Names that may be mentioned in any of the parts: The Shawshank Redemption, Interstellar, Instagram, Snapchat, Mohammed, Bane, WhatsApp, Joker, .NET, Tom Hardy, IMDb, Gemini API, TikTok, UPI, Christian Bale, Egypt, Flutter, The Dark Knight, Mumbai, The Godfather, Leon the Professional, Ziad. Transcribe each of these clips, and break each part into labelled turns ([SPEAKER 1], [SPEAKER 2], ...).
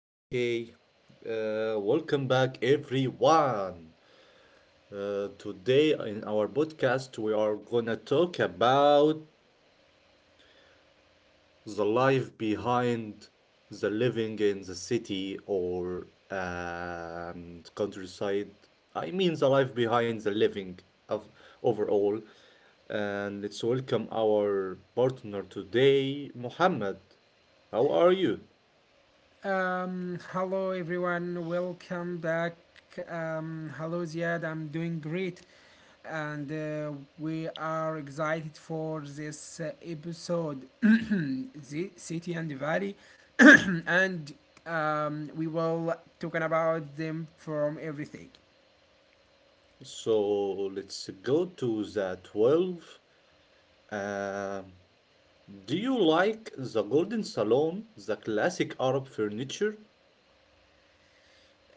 [SPEAKER 1] Okay. Welcome back, everyone. Today in our podcast, we are gonna talk about the life behind the living in the city or countryside. I mean, the life behind the living of overall. And let's welcome our partner today, Mohammed. How are you?
[SPEAKER 2] Hello everyone, welcome back. Hello Ziad, I'm doing great, and we are excited for this episode, the city and the valley, and we will talking about them from everything.
[SPEAKER 1] So let's go to the 12. Um, do you like the golden salon, the classic Arab furniture?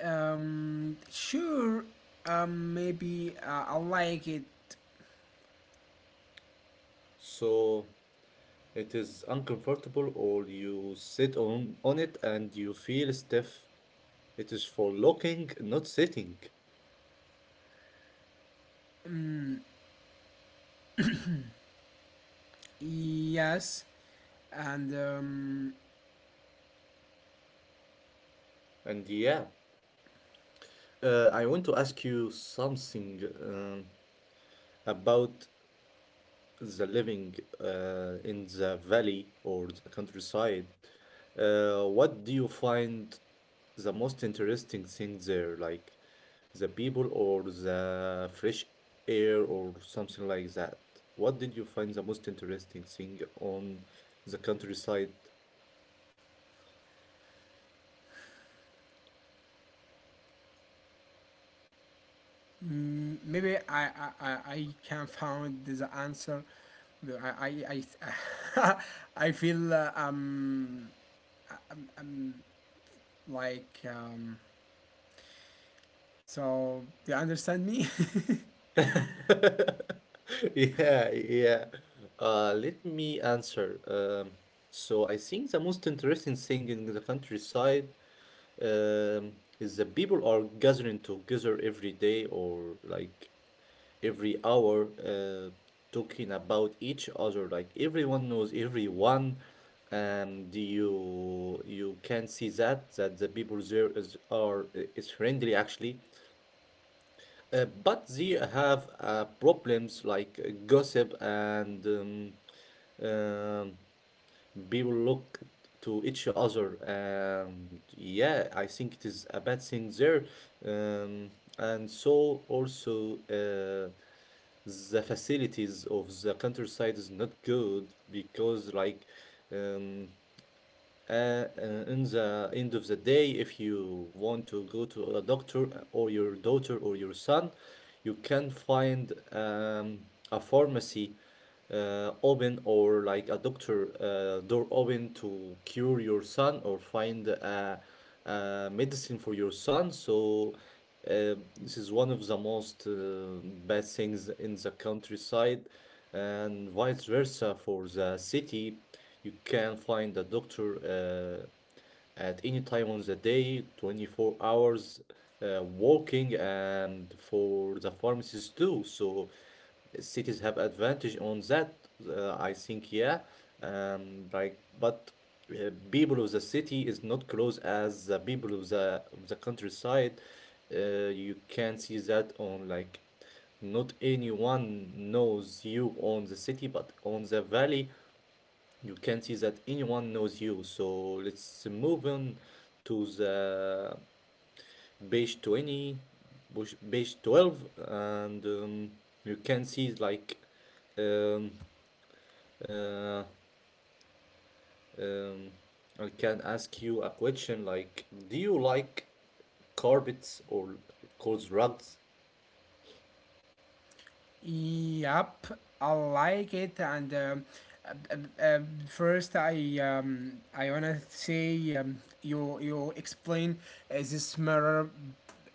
[SPEAKER 2] Sure, maybe I like it.
[SPEAKER 1] So it is uncomfortable, or you sit on it and you feel stiff. It is for looking, not sitting.
[SPEAKER 2] Mm, yes, and
[SPEAKER 1] And yeah, I want to ask you something um, about the living in the valley or the countryside. What do you find the most interesting thing there? Like the people or the fresh air or something like that? What did you find the most interesting thing on the countryside?
[SPEAKER 2] Mm, maybe I can find the answer. I I I, I feel like um do you understand me?
[SPEAKER 1] Yeah, yeah. Let me answer. So I think the most interesting thing in the countryside um, is that people are gathering together every day or like every hour, talking about each other. Like everyone knows everyone, and you can see that the people there is are is friendly actually, but they have problems like gossip and. Um, people look to each other, and yeah, I think it is a bad thing there. Um, and so also the facilities of the countryside is not good because like um, uh, in the end of the day, if you want to go to a doctor or your daughter or your son, you can find a pharmacy open, or like a doctor door open to cure your son or find a medicine for your son. So this is one of the most bad things in the countryside, and vice versa for the city. You can find a doctor at any time on the day, 24 hours, walking, and for the pharmacies too. So cities have advantage on that, I think, yeah. But people of the city is not close as the people of the countryside. You can see that on like not anyone knows you on the city, but on the valley, you can see that anyone knows you. So let's move on to the page 20, push- page 12, and you can see like um, uh, um, I can ask you a question like, do you like carpets, or it calls rugs?
[SPEAKER 2] Yep, I like it. And uh, uh, uh, first, I wanna say you explain this mirror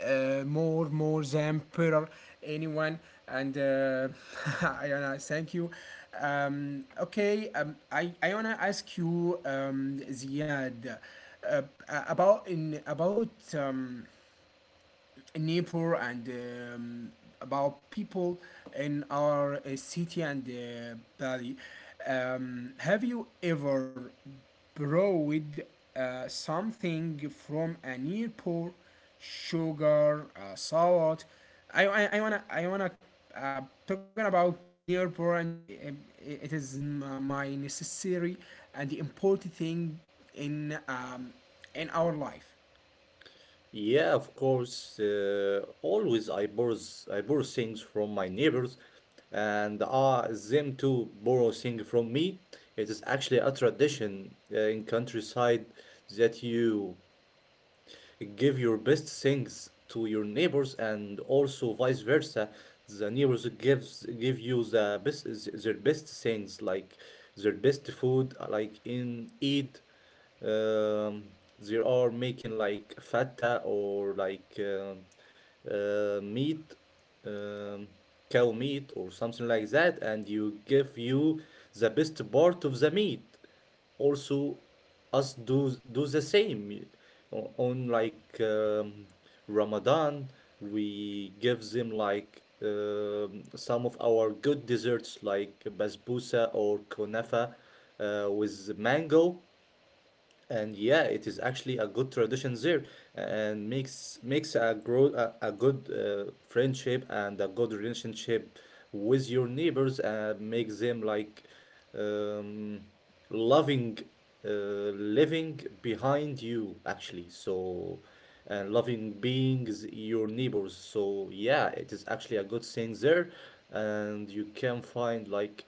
[SPEAKER 2] more than per anyone. And I wanna thank you. Okay, I wanna ask you, Ziad, uh, about in about um, neighbor and about people in our city and valley. Have you ever borrowed something from a neighbor? Sugar, salt. I wanna uh, talking about neighbor and uh, it is my necessary and important thing in um, in our life.
[SPEAKER 1] Yeah, of course. Always I borrow s- I borrow things from my neighbors, and them to borrow things from me. It is actually a tradition in countryside that you give your best things to your neighbors, and also vice versa. The neighbors give you their best things, like their best food like in Eid. um, they are making like feta or like meat, um, cow meat or something like that, and you give you the best part of the meat. Also us do the same o- on like Ramadan. We give them like some of our good desserts like basbousa or kunafa with mango. And yeah, it is actually a good tradition there, and makes a grow a good friendship and a good relationship with your neighbors, and make them like um, loving uh, living behind you actually. So, and loving beings your neighbors. So yeah, it is actually a good thing there, and you can find like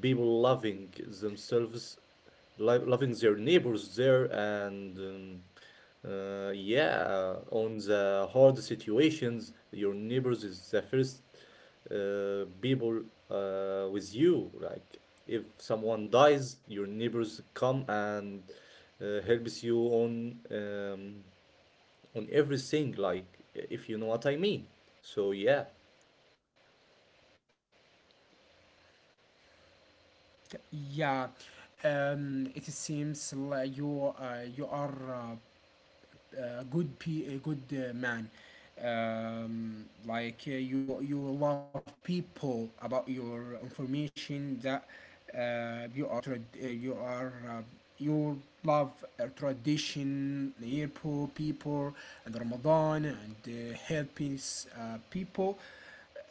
[SPEAKER 1] people loving themselves, lo- loving their neighbors there. And yeah, on the hard situations, your neighbors is the first people with you, like if someone dies, your neighbors come and helps you on everything, like if you know what I mean. So yeah.
[SPEAKER 2] Yeah, it seems like you you are a good a good man, like you love people about your information that you are you are you love tradition near poor people and Ramadan and helping people,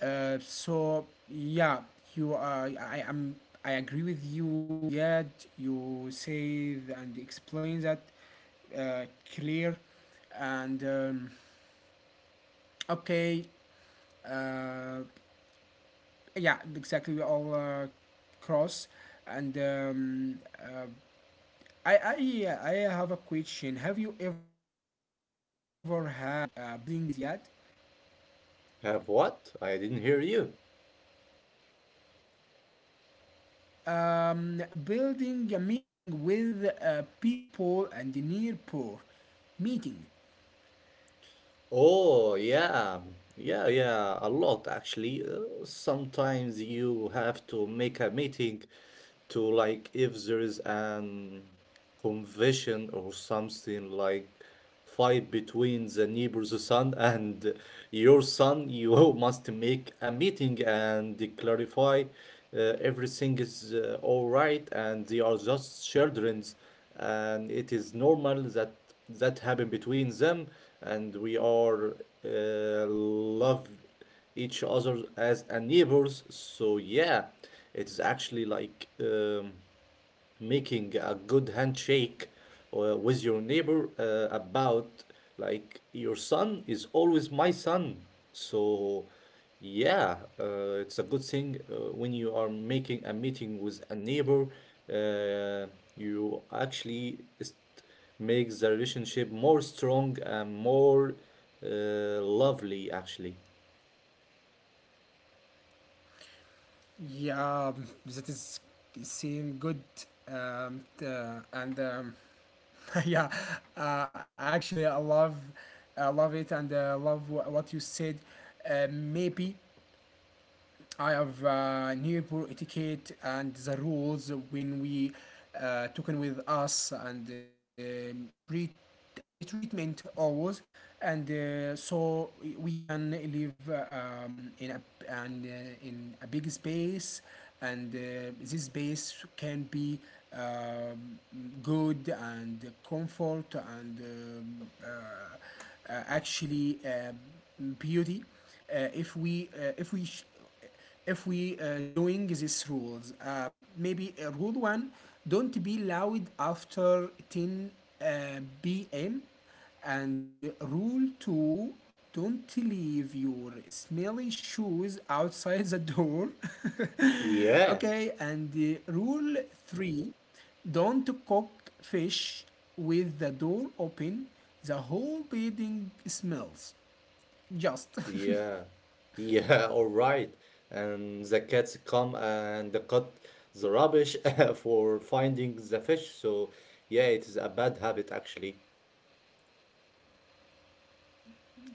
[SPEAKER 2] so yeah you are I am I agree with you Ziad, you say and explain that uh, clear, and okay, uh, yeah exactly we all cross and I yeah, I have a question, have you ever had a building meetings yet?
[SPEAKER 1] Have what? I didn't hear you.
[SPEAKER 2] Building a meeting with people and near poor meeting.
[SPEAKER 1] Oh, yeah. Yeah, yeah, a lot actually. Sometimes you have to make a meeting to like, if there is an conviction or something like fight between the neighbor's son and your son, you must make a meeting and clarify everything is all right, and they are just children's, and it is normal that that happen between them, and we are love each other as a neighbors. So yeah, it's actually like making a good handshake with your neighbor about like your son is always my son. So yeah, it's a good thing when you are making a meeting with a neighbor. Uh, you actually est- make the relationship more strong and more lovely actually.
[SPEAKER 2] Yeah, that is seen good, and yeah, actually, I love it, and I love what you said. Maybe I have neighbor etiquette and the rules when we talking with us and the treat and the treatment always and so we- can live in a and in a big space and this space can be um, good and comfort and actually beauty if we if we if we doing these rules, maybe rule one, don't be loud after 10 uh, p.m., and rule two, don't leave your smelly shoes outside the door.
[SPEAKER 1] Yeah.
[SPEAKER 2] Okay, and rule three, don't cook fish with the door open, the whole building smells just
[SPEAKER 1] Yeah, yeah, all right. And the cats come and they cut the rubbish for finding the fish. So yeah, it is a bad habit actually.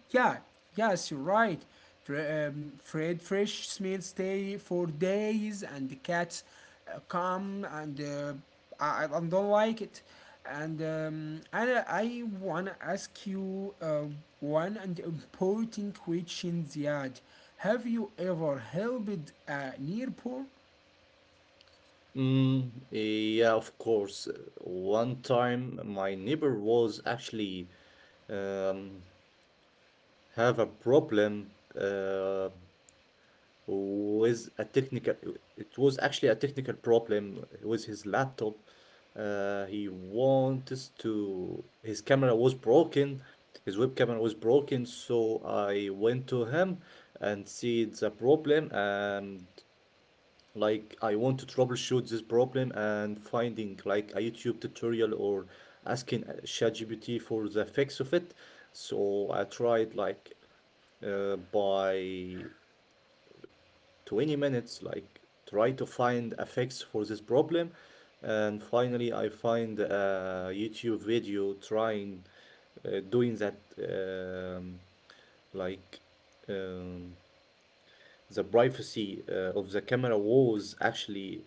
[SPEAKER 2] Yeah, yes, you're right. Fre- Fred Fresh smells stay for days, and the cats come, and uh, I don't like it. And I wanna ask you one and important question, Ziad. Have you ever helped a neighbor?
[SPEAKER 1] Mm, yeah, of course. One time my neighbor was actually um, have a problem. Uh, with a technical, it was actually a technical problem with his laptop. He wants to, his camera was broken, his web camera was broken, so I went to him and see the problem, and like I want to troubleshoot this problem and finding like a YouTube tutorial or asking ChatGPT for the fix of it. So I tried like by 20 minutes, like try to find a fix for this problem. And finally, I find a YouTube video trying doing that, like um, the privacy of the camera was actually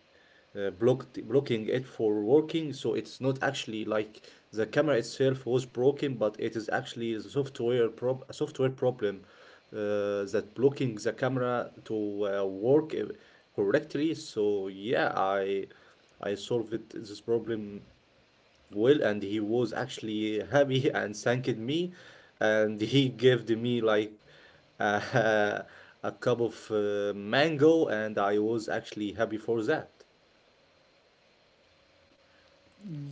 [SPEAKER 1] blocked blocking it for working. So it's not actually like the camera itself was broken, but it is actually a software problem that blocking the camera to work correctly. So yeah, I solved this problem well, and he was actually happy and thanked me, and he gave me like uh, a cup of mango, and I was actually happy for that.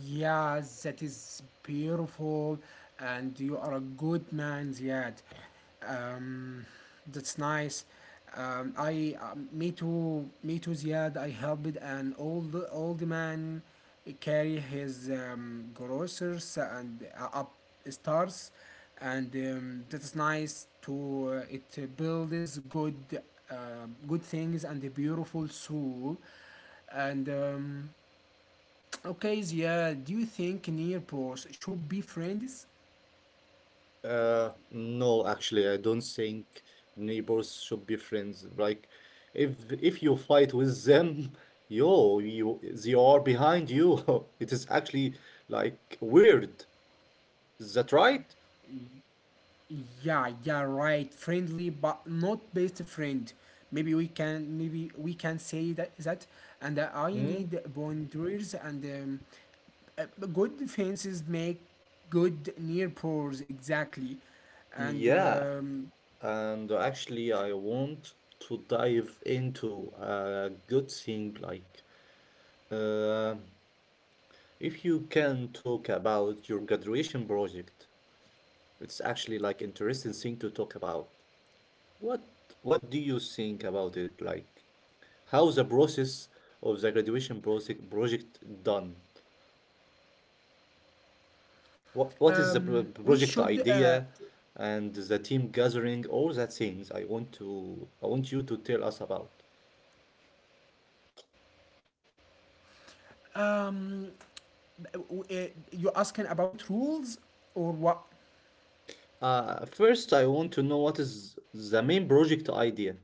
[SPEAKER 2] Yeah, that is beautiful, and you are a good man, Ziad. Um, that's nice. Me too, Ziad. I helped an old old man carry his groceries and up stairs, and that is nice. To it builds good, uh, good things and a beautiful soul, and. Okay, Zia, do you think neighbors should be friends?
[SPEAKER 1] No, actually, I don't think neighbors should be friends. Like, if you fight with them, yo, you, they are behind you. It is actually like weird. Is that right?
[SPEAKER 2] Yeah, yeah, right. Friendly, but not best friend. Maybe we can, maybe we can say that. And I
[SPEAKER 1] Hmm?
[SPEAKER 2] need boundaries, and good defenses make good neighbors exactly. And
[SPEAKER 1] Yeah. And actually, I want to dive into a good thing like, uh, if you can talk about your graduation project, it's actually like interesting thing to talk about. What what do you think about it? Like how the process of the graduation project done? What is the pro-
[SPEAKER 2] we
[SPEAKER 1] project
[SPEAKER 2] should.
[SPEAKER 1] idea and the team gathering? All that things I want to I want you to tell us about.
[SPEAKER 2] Um, you asking about rules or what?
[SPEAKER 1] First, I want to know what is the main project idea.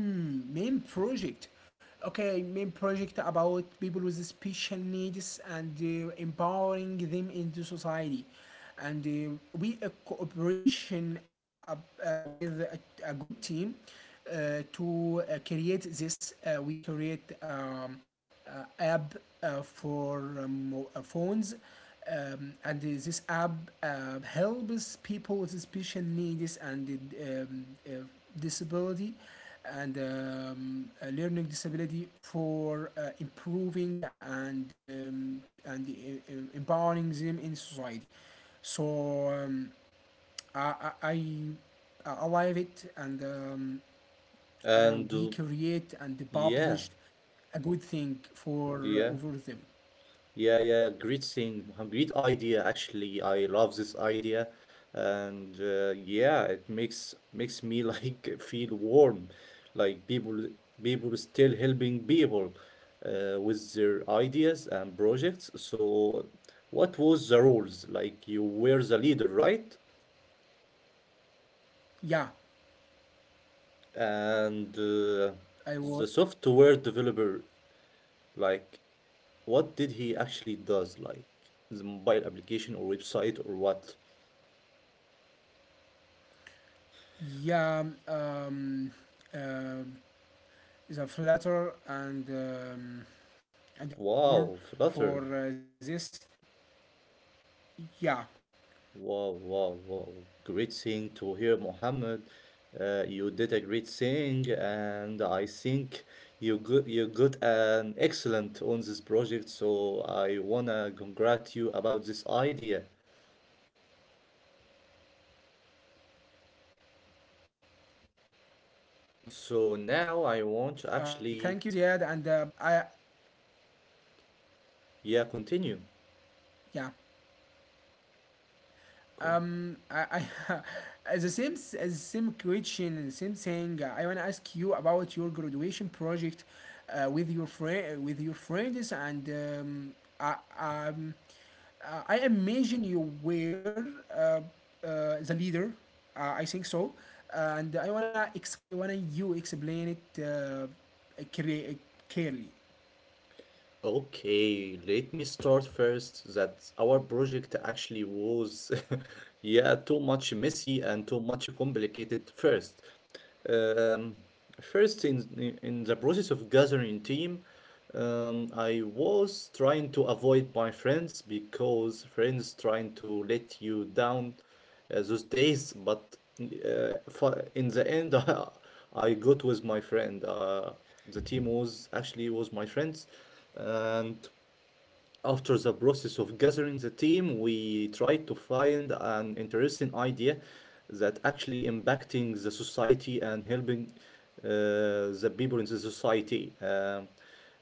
[SPEAKER 2] Main project, okay, main project about people with special needs and empowering them into society, and we a cooperation with a good team to create this we create uh, app for um, phones, and this app helps people with special needs and um, uh, disability and a learning disability for improving and empowering them in society. So I, I I I love it, and
[SPEAKER 1] And
[SPEAKER 2] we create and
[SPEAKER 1] yeah,
[SPEAKER 2] published a good thing
[SPEAKER 1] yeah,
[SPEAKER 2] for them.
[SPEAKER 1] yeah, yeah, great thing, Mohammed. Great idea. Actually, I love this idea, and yeah, it makes me like feel warm, like people still helping people with their ideas and projects. So, what was the rules? Like you were the leader, right?
[SPEAKER 2] Yeah,
[SPEAKER 1] And
[SPEAKER 2] I
[SPEAKER 1] the
[SPEAKER 2] will.
[SPEAKER 1] software developer, like, what did he actually does? Like, the mobile application or website or what?
[SPEAKER 2] Yeah, um the flatter and the developer
[SPEAKER 1] Wow,
[SPEAKER 2] for
[SPEAKER 1] Flutter.
[SPEAKER 2] this. Yeah,
[SPEAKER 1] Wow, wow, wow. Great thing to hear, Mohammed. You did a great thing, and I think you got an excellent on this project. So I wanna congrat you about this idea. So now I want to
[SPEAKER 2] Thank
[SPEAKER 1] actually,
[SPEAKER 2] you, Ziad, and I,
[SPEAKER 1] yeah, continue.
[SPEAKER 2] yeah, um, I, I the same, the same question, the same thing. Uh, I wanna ask you about your graduation project, with your friends, and I, um, I imagine you were uh, uh, the leader. I think so, and I wanna I wanna you explain it clear- clearly.
[SPEAKER 1] Okay, let me start first that our project actually was, yeah, too much messy and too much complicated first. Um, first, in the process of gathering team, I was trying to avoid my friends because friends trying to let you down those days. But in the end, I got with my friend. The team was actually was my friends, and after the process of gathering the team, we tried to find an interesting idea that actually impacting the society and helping the people in the society.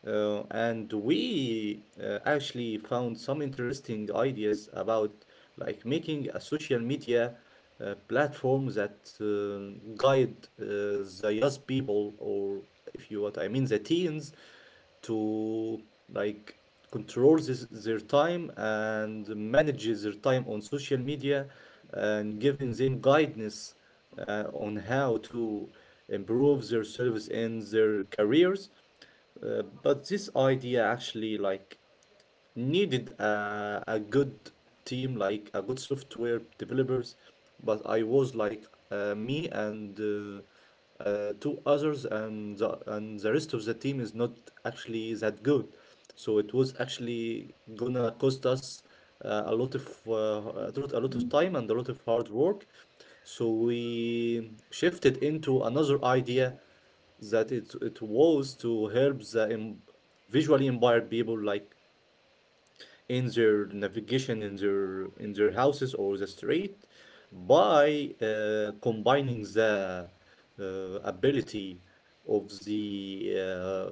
[SPEAKER 1] And we actually found some interesting ideas about like making a social media platform that guide the young people, or if you what I mean the teens, to like control this, their time, and manages their time on social media, and giving them guidance on how to improve their service and their careers. But this idea actually like needed a good team, like a good software developers. But I was like me and two others, and and the rest of the team is not actually that good, so it was actually gonna cost us a lot of time and a lot of hard work. So we shifted into another idea, that it was to help the em- visually impaired people, like in their navigation in their houses or the street, by combining the uh, ability of the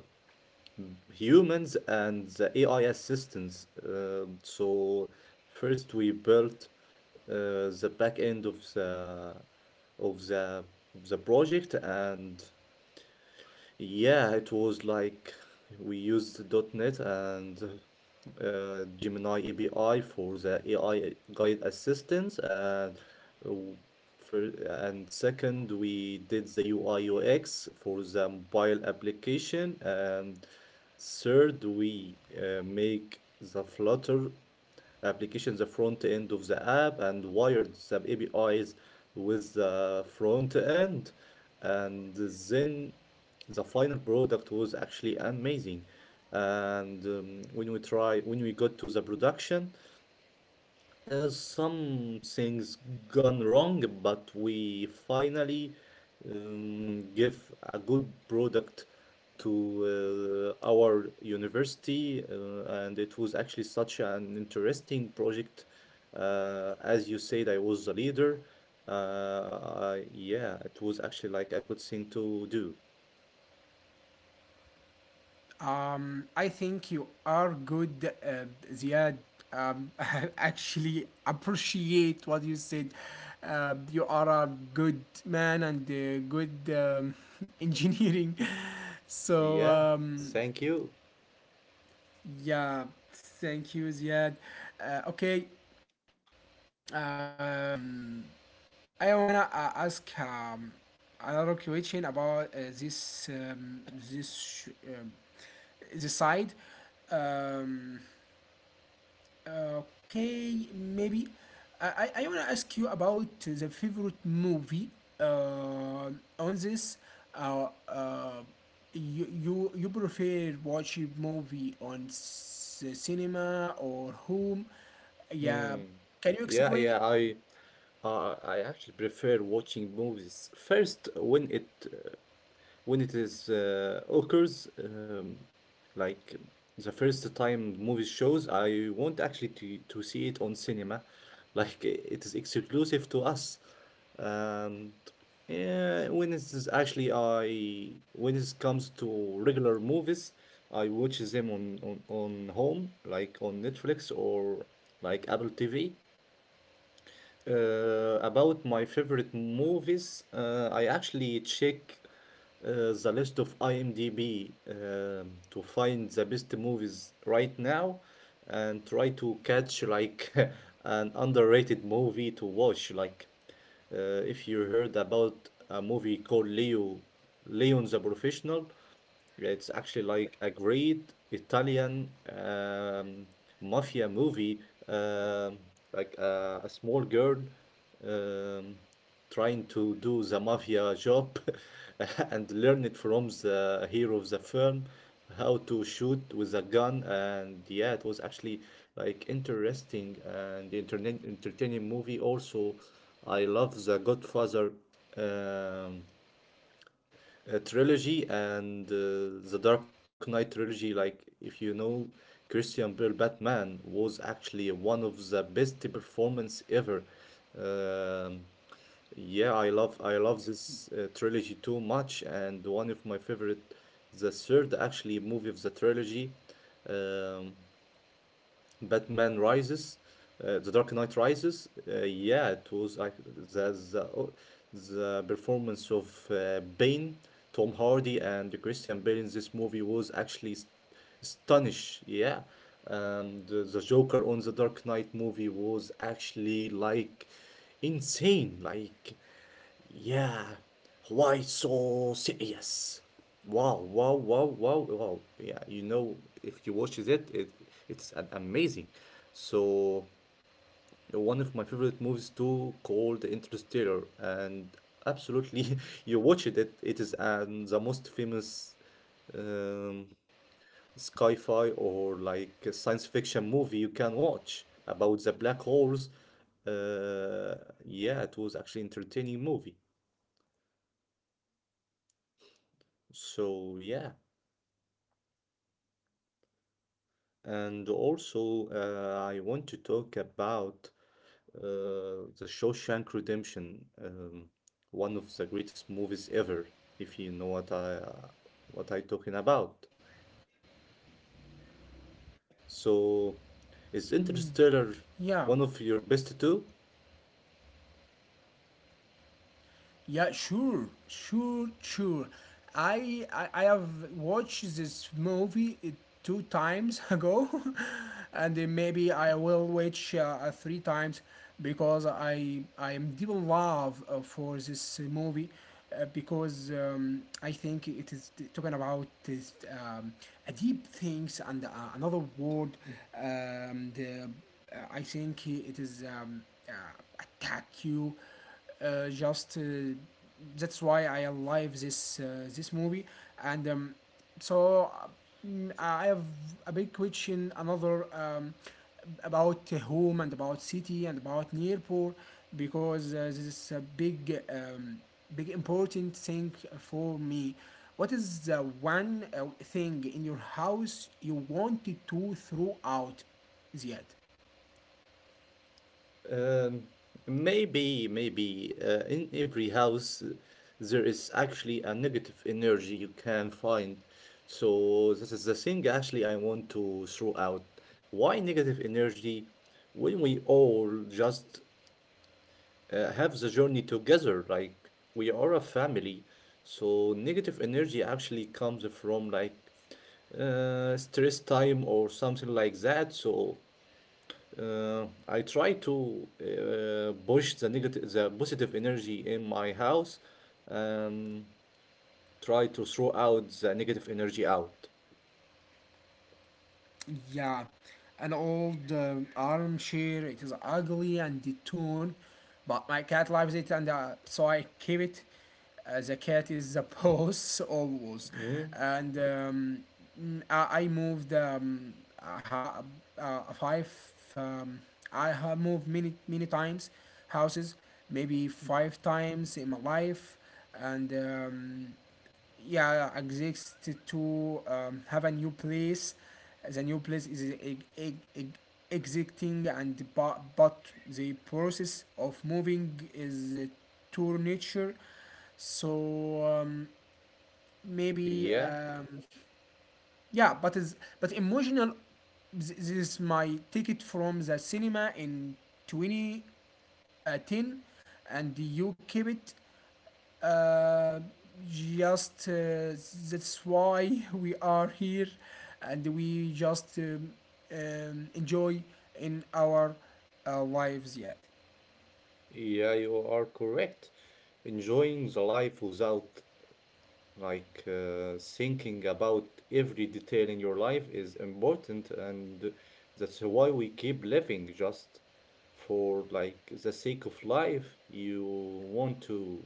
[SPEAKER 1] humans and the AI assistants. So first we built, the back end of the of the project. And yeah, it was like we used .dot .NET and Gemini API for the AI guide assistance, and w- for and second we did the UI UX for the mobile application. And third we make the Flutter application, the front end of the app, and wired the APIs with the front end. And then the final product was actually amazing. And when we got to the production, some things gone wrong, but we finally give a good product to our university. And it was actually such an interesting project. As you said, I was the leader. uh, yeah, it was actually like a good thing to do.
[SPEAKER 2] I think you are good, Ziad. Um, actually, appreciate what you said. You are a good man and good engineering. So,
[SPEAKER 1] Yeah, thank you.
[SPEAKER 2] yeah, thank you, Ziad. Okay, um, I wanna ask another question about this this sh- um, this side. Um, Okay, maybe I wanna ask you about the favorite movie. Uh, on this, uh, uh, you prefer watching movie on cinema or home? Yeah,
[SPEAKER 1] Hmm.
[SPEAKER 2] can you
[SPEAKER 1] Yeah, yeah,
[SPEAKER 2] explain it?
[SPEAKER 1] I actually prefer watching movies first when it is occurs, like the first time movie shows. I want actually to see it on cinema, like it is exclusive to us. And yeah, when it comes to regular movies, I watch them on home, like on netflix or like apple tv. About my favorite movies, I actually check the list of IMDb to find the best movies right now, and try to catch like an underrated movie to watch. Like, if you heard about a movie called Leon the Professional. It's actually like a great Italian mafia movie. um, like, a small girl um, trying to do the mafia job, and learn it from the hero of the film, how to shoot with a gun. And yeah, it was actually like interesting and internet entertaining movie. Also, I love The Godfather, Um, trilogy, and the Dark Knight trilogy. Like, if you know, Christian Bale Batman was actually one of the best performance ever. Um, yeah, I love this trilogy too much, and one of my favorite, the third actually movie of the trilogy. Um, Batman Rises, The Dark Knight Rises. Yeah, it was like the, oh, the performance of Bane, Tom Hardy, and Christian Bale in this movie was actually astonish. Yeah, and the Joker on the Dark Knight movie was actually like insane. Like, yeah. Why so serious? Wow, wow, wow, wow, wow. Yeah, you know, if you watch it, it's an amazing. So one of my favorite movies too, called Interstellar, and absolutely, you watch it. It is, the most famous, um, sci-fi or like a science fiction movie you can watch about the black holes. Uh, yeah, it was actually entertaining movie. So yeah.
[SPEAKER 2] Yeah,
[SPEAKER 1] And also, I want to talk about uh, The Shawshank Redemption, one of the greatest movies ever, if you know what I talking about. So, is Interstellar
[SPEAKER 2] yeah.
[SPEAKER 1] one of your best too?
[SPEAKER 2] Yeah, sure, sure, sure. I have watched this movie two times ago, and maybe I will watch three times because I am deep in love for this movie. Because I think it is talking about this, a deep things and another world. Um, the, I think it is uh, attack you just that's why I love this this movie, and so mm, I have a big question, another about home and about city and about Nirpur, because this is a big big important thing for me. What is the one thing in your house you wanted to throw out, Ziad?
[SPEAKER 1] Um, Maybe, in every house, there is actually a negative energy you can find. So this is the thing actually I want to throw out. Why negative energy when we all just have the journey together? Like, we are a family. So negative energy actually comes from like stress time or something like that. So I try to push the positive energy in my house, um, try to throw out the negative energy out.
[SPEAKER 2] Yeah, an old armchair. It is ugly and torn, but my cat loves it, and so I keep it. The cat is the boss always,
[SPEAKER 1] Mm,
[SPEAKER 2] and mm, I moved five. Um, I have moved many many times, houses, maybe five times in my life, and. Yeah exist to have a new place, the new place is existing and but the process of moving is to nature, so maybe
[SPEAKER 1] yeah,
[SPEAKER 2] yeah but is but emotional. This is my ticket from the cinema in 2010, and you keep it uh, just that's why we are here, and we just enjoy in our lives yet.
[SPEAKER 1] yeah, you are correct. Enjoying the life without, like, thinking about every detail in your life is important, and that's why we keep living just for like the sake of life. You want to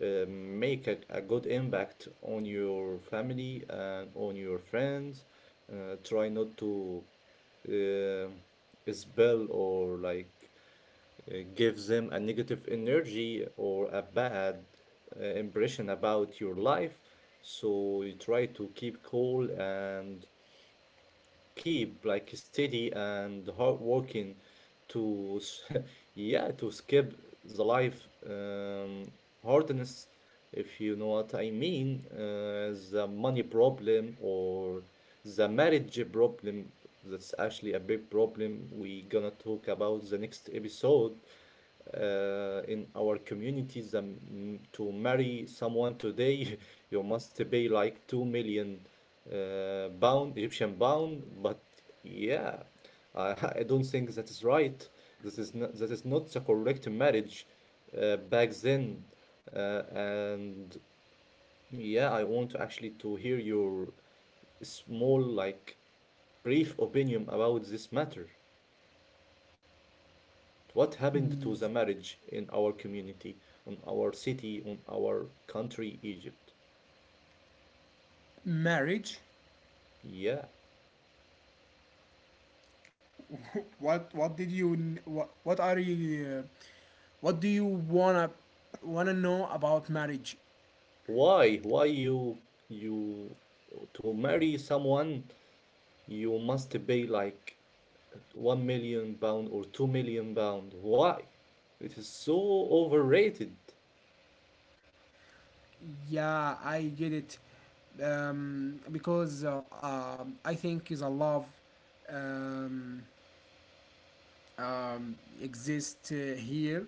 [SPEAKER 1] make a good impact on your family and on your friends. Try not to uh, spell or like give them a negative energy or a bad impression about your life. So you try to keep cool and keep like steady and hard working to s- yeah to skip the life hardness, if you know what I mean. The money problem or the marriage problem, that's actually a big problem we gonna talk about the next episode. In our communities, to marry someone today, you must pay like 2 million pound, Egyptian pound. But yeah, I, I don't think that is right. This is not, that is not the correct marriage, back then. And yeah, I want to actually to hear your small, like, brief opinion about this matter. What happened to the marriage in our community, on our city, on our country, Egypt?
[SPEAKER 2] Marriage.
[SPEAKER 1] Yeah.
[SPEAKER 2] what what did you what are you what do you wanna know about marriage?
[SPEAKER 1] Why? Why you to marry someone you must pay like 1 million pound or 2 million pound. Why? It is so overrated.
[SPEAKER 2] Yeah, I get it. Because I think is a love um, exist here,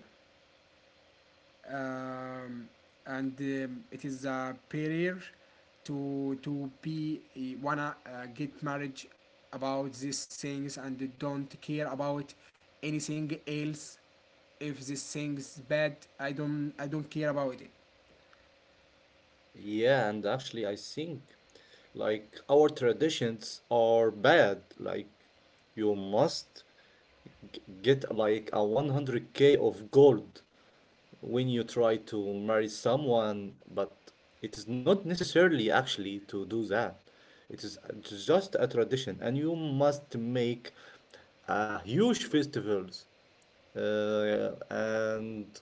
[SPEAKER 2] um, and it is a barrier to be eh, wanna get marriage about these things, and they don't care about anything else. If this thing's bad, I don't care about it.
[SPEAKER 1] Yeah, and actually, I think like our traditions are bad. Like, you must get like a 100K of gold when you try to marry someone. But it is not necessarily actually to do that. It is just a tradition, and you must make huge festivals, and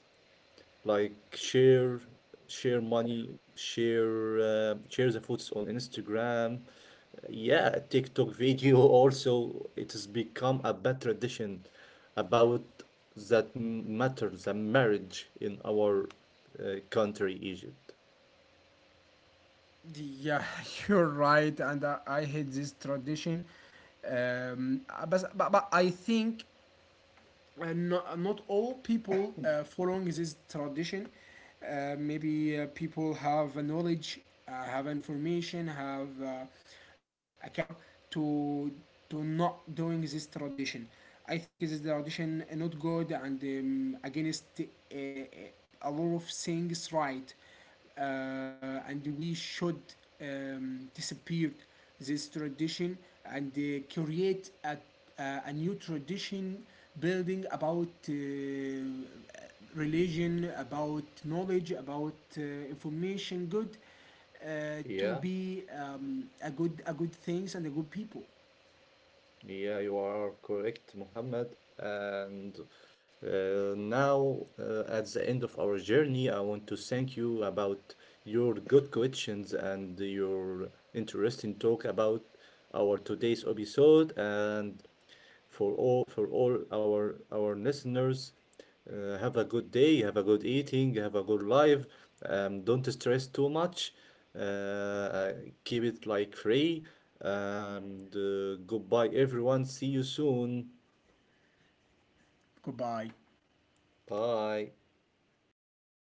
[SPEAKER 1] like share money, share the photos on Instagram. Yeah, TikTok video, also it has become a bad tradition about that matter, the marriage in our country, Egypt.
[SPEAKER 2] Yeah, you're right, and I hate this tradition, but I think and not, not all people following this tradition. Maybe people have a knowledge, have information, have a culture to to not doing this tradition. I think this tradition not good, and against uh, a lot of things right, and we should disappear this tradition and create a new tradition building about religion, about knowledge, about information, good to
[SPEAKER 1] Yeah.
[SPEAKER 2] be a good things and a good people.
[SPEAKER 1] Yeah, you are correct, Mohammed. And now, at the end of our journey, I want to thank you about your good questions and your interesting talk about our today's episode, and for all our listeners. Have a good day, have a good eating, have a good life. Don't stress too much. Uh, uh, Keep it like free. And goodbye, everyone. See you soon.
[SPEAKER 2] Goodbye.
[SPEAKER 1] Bye.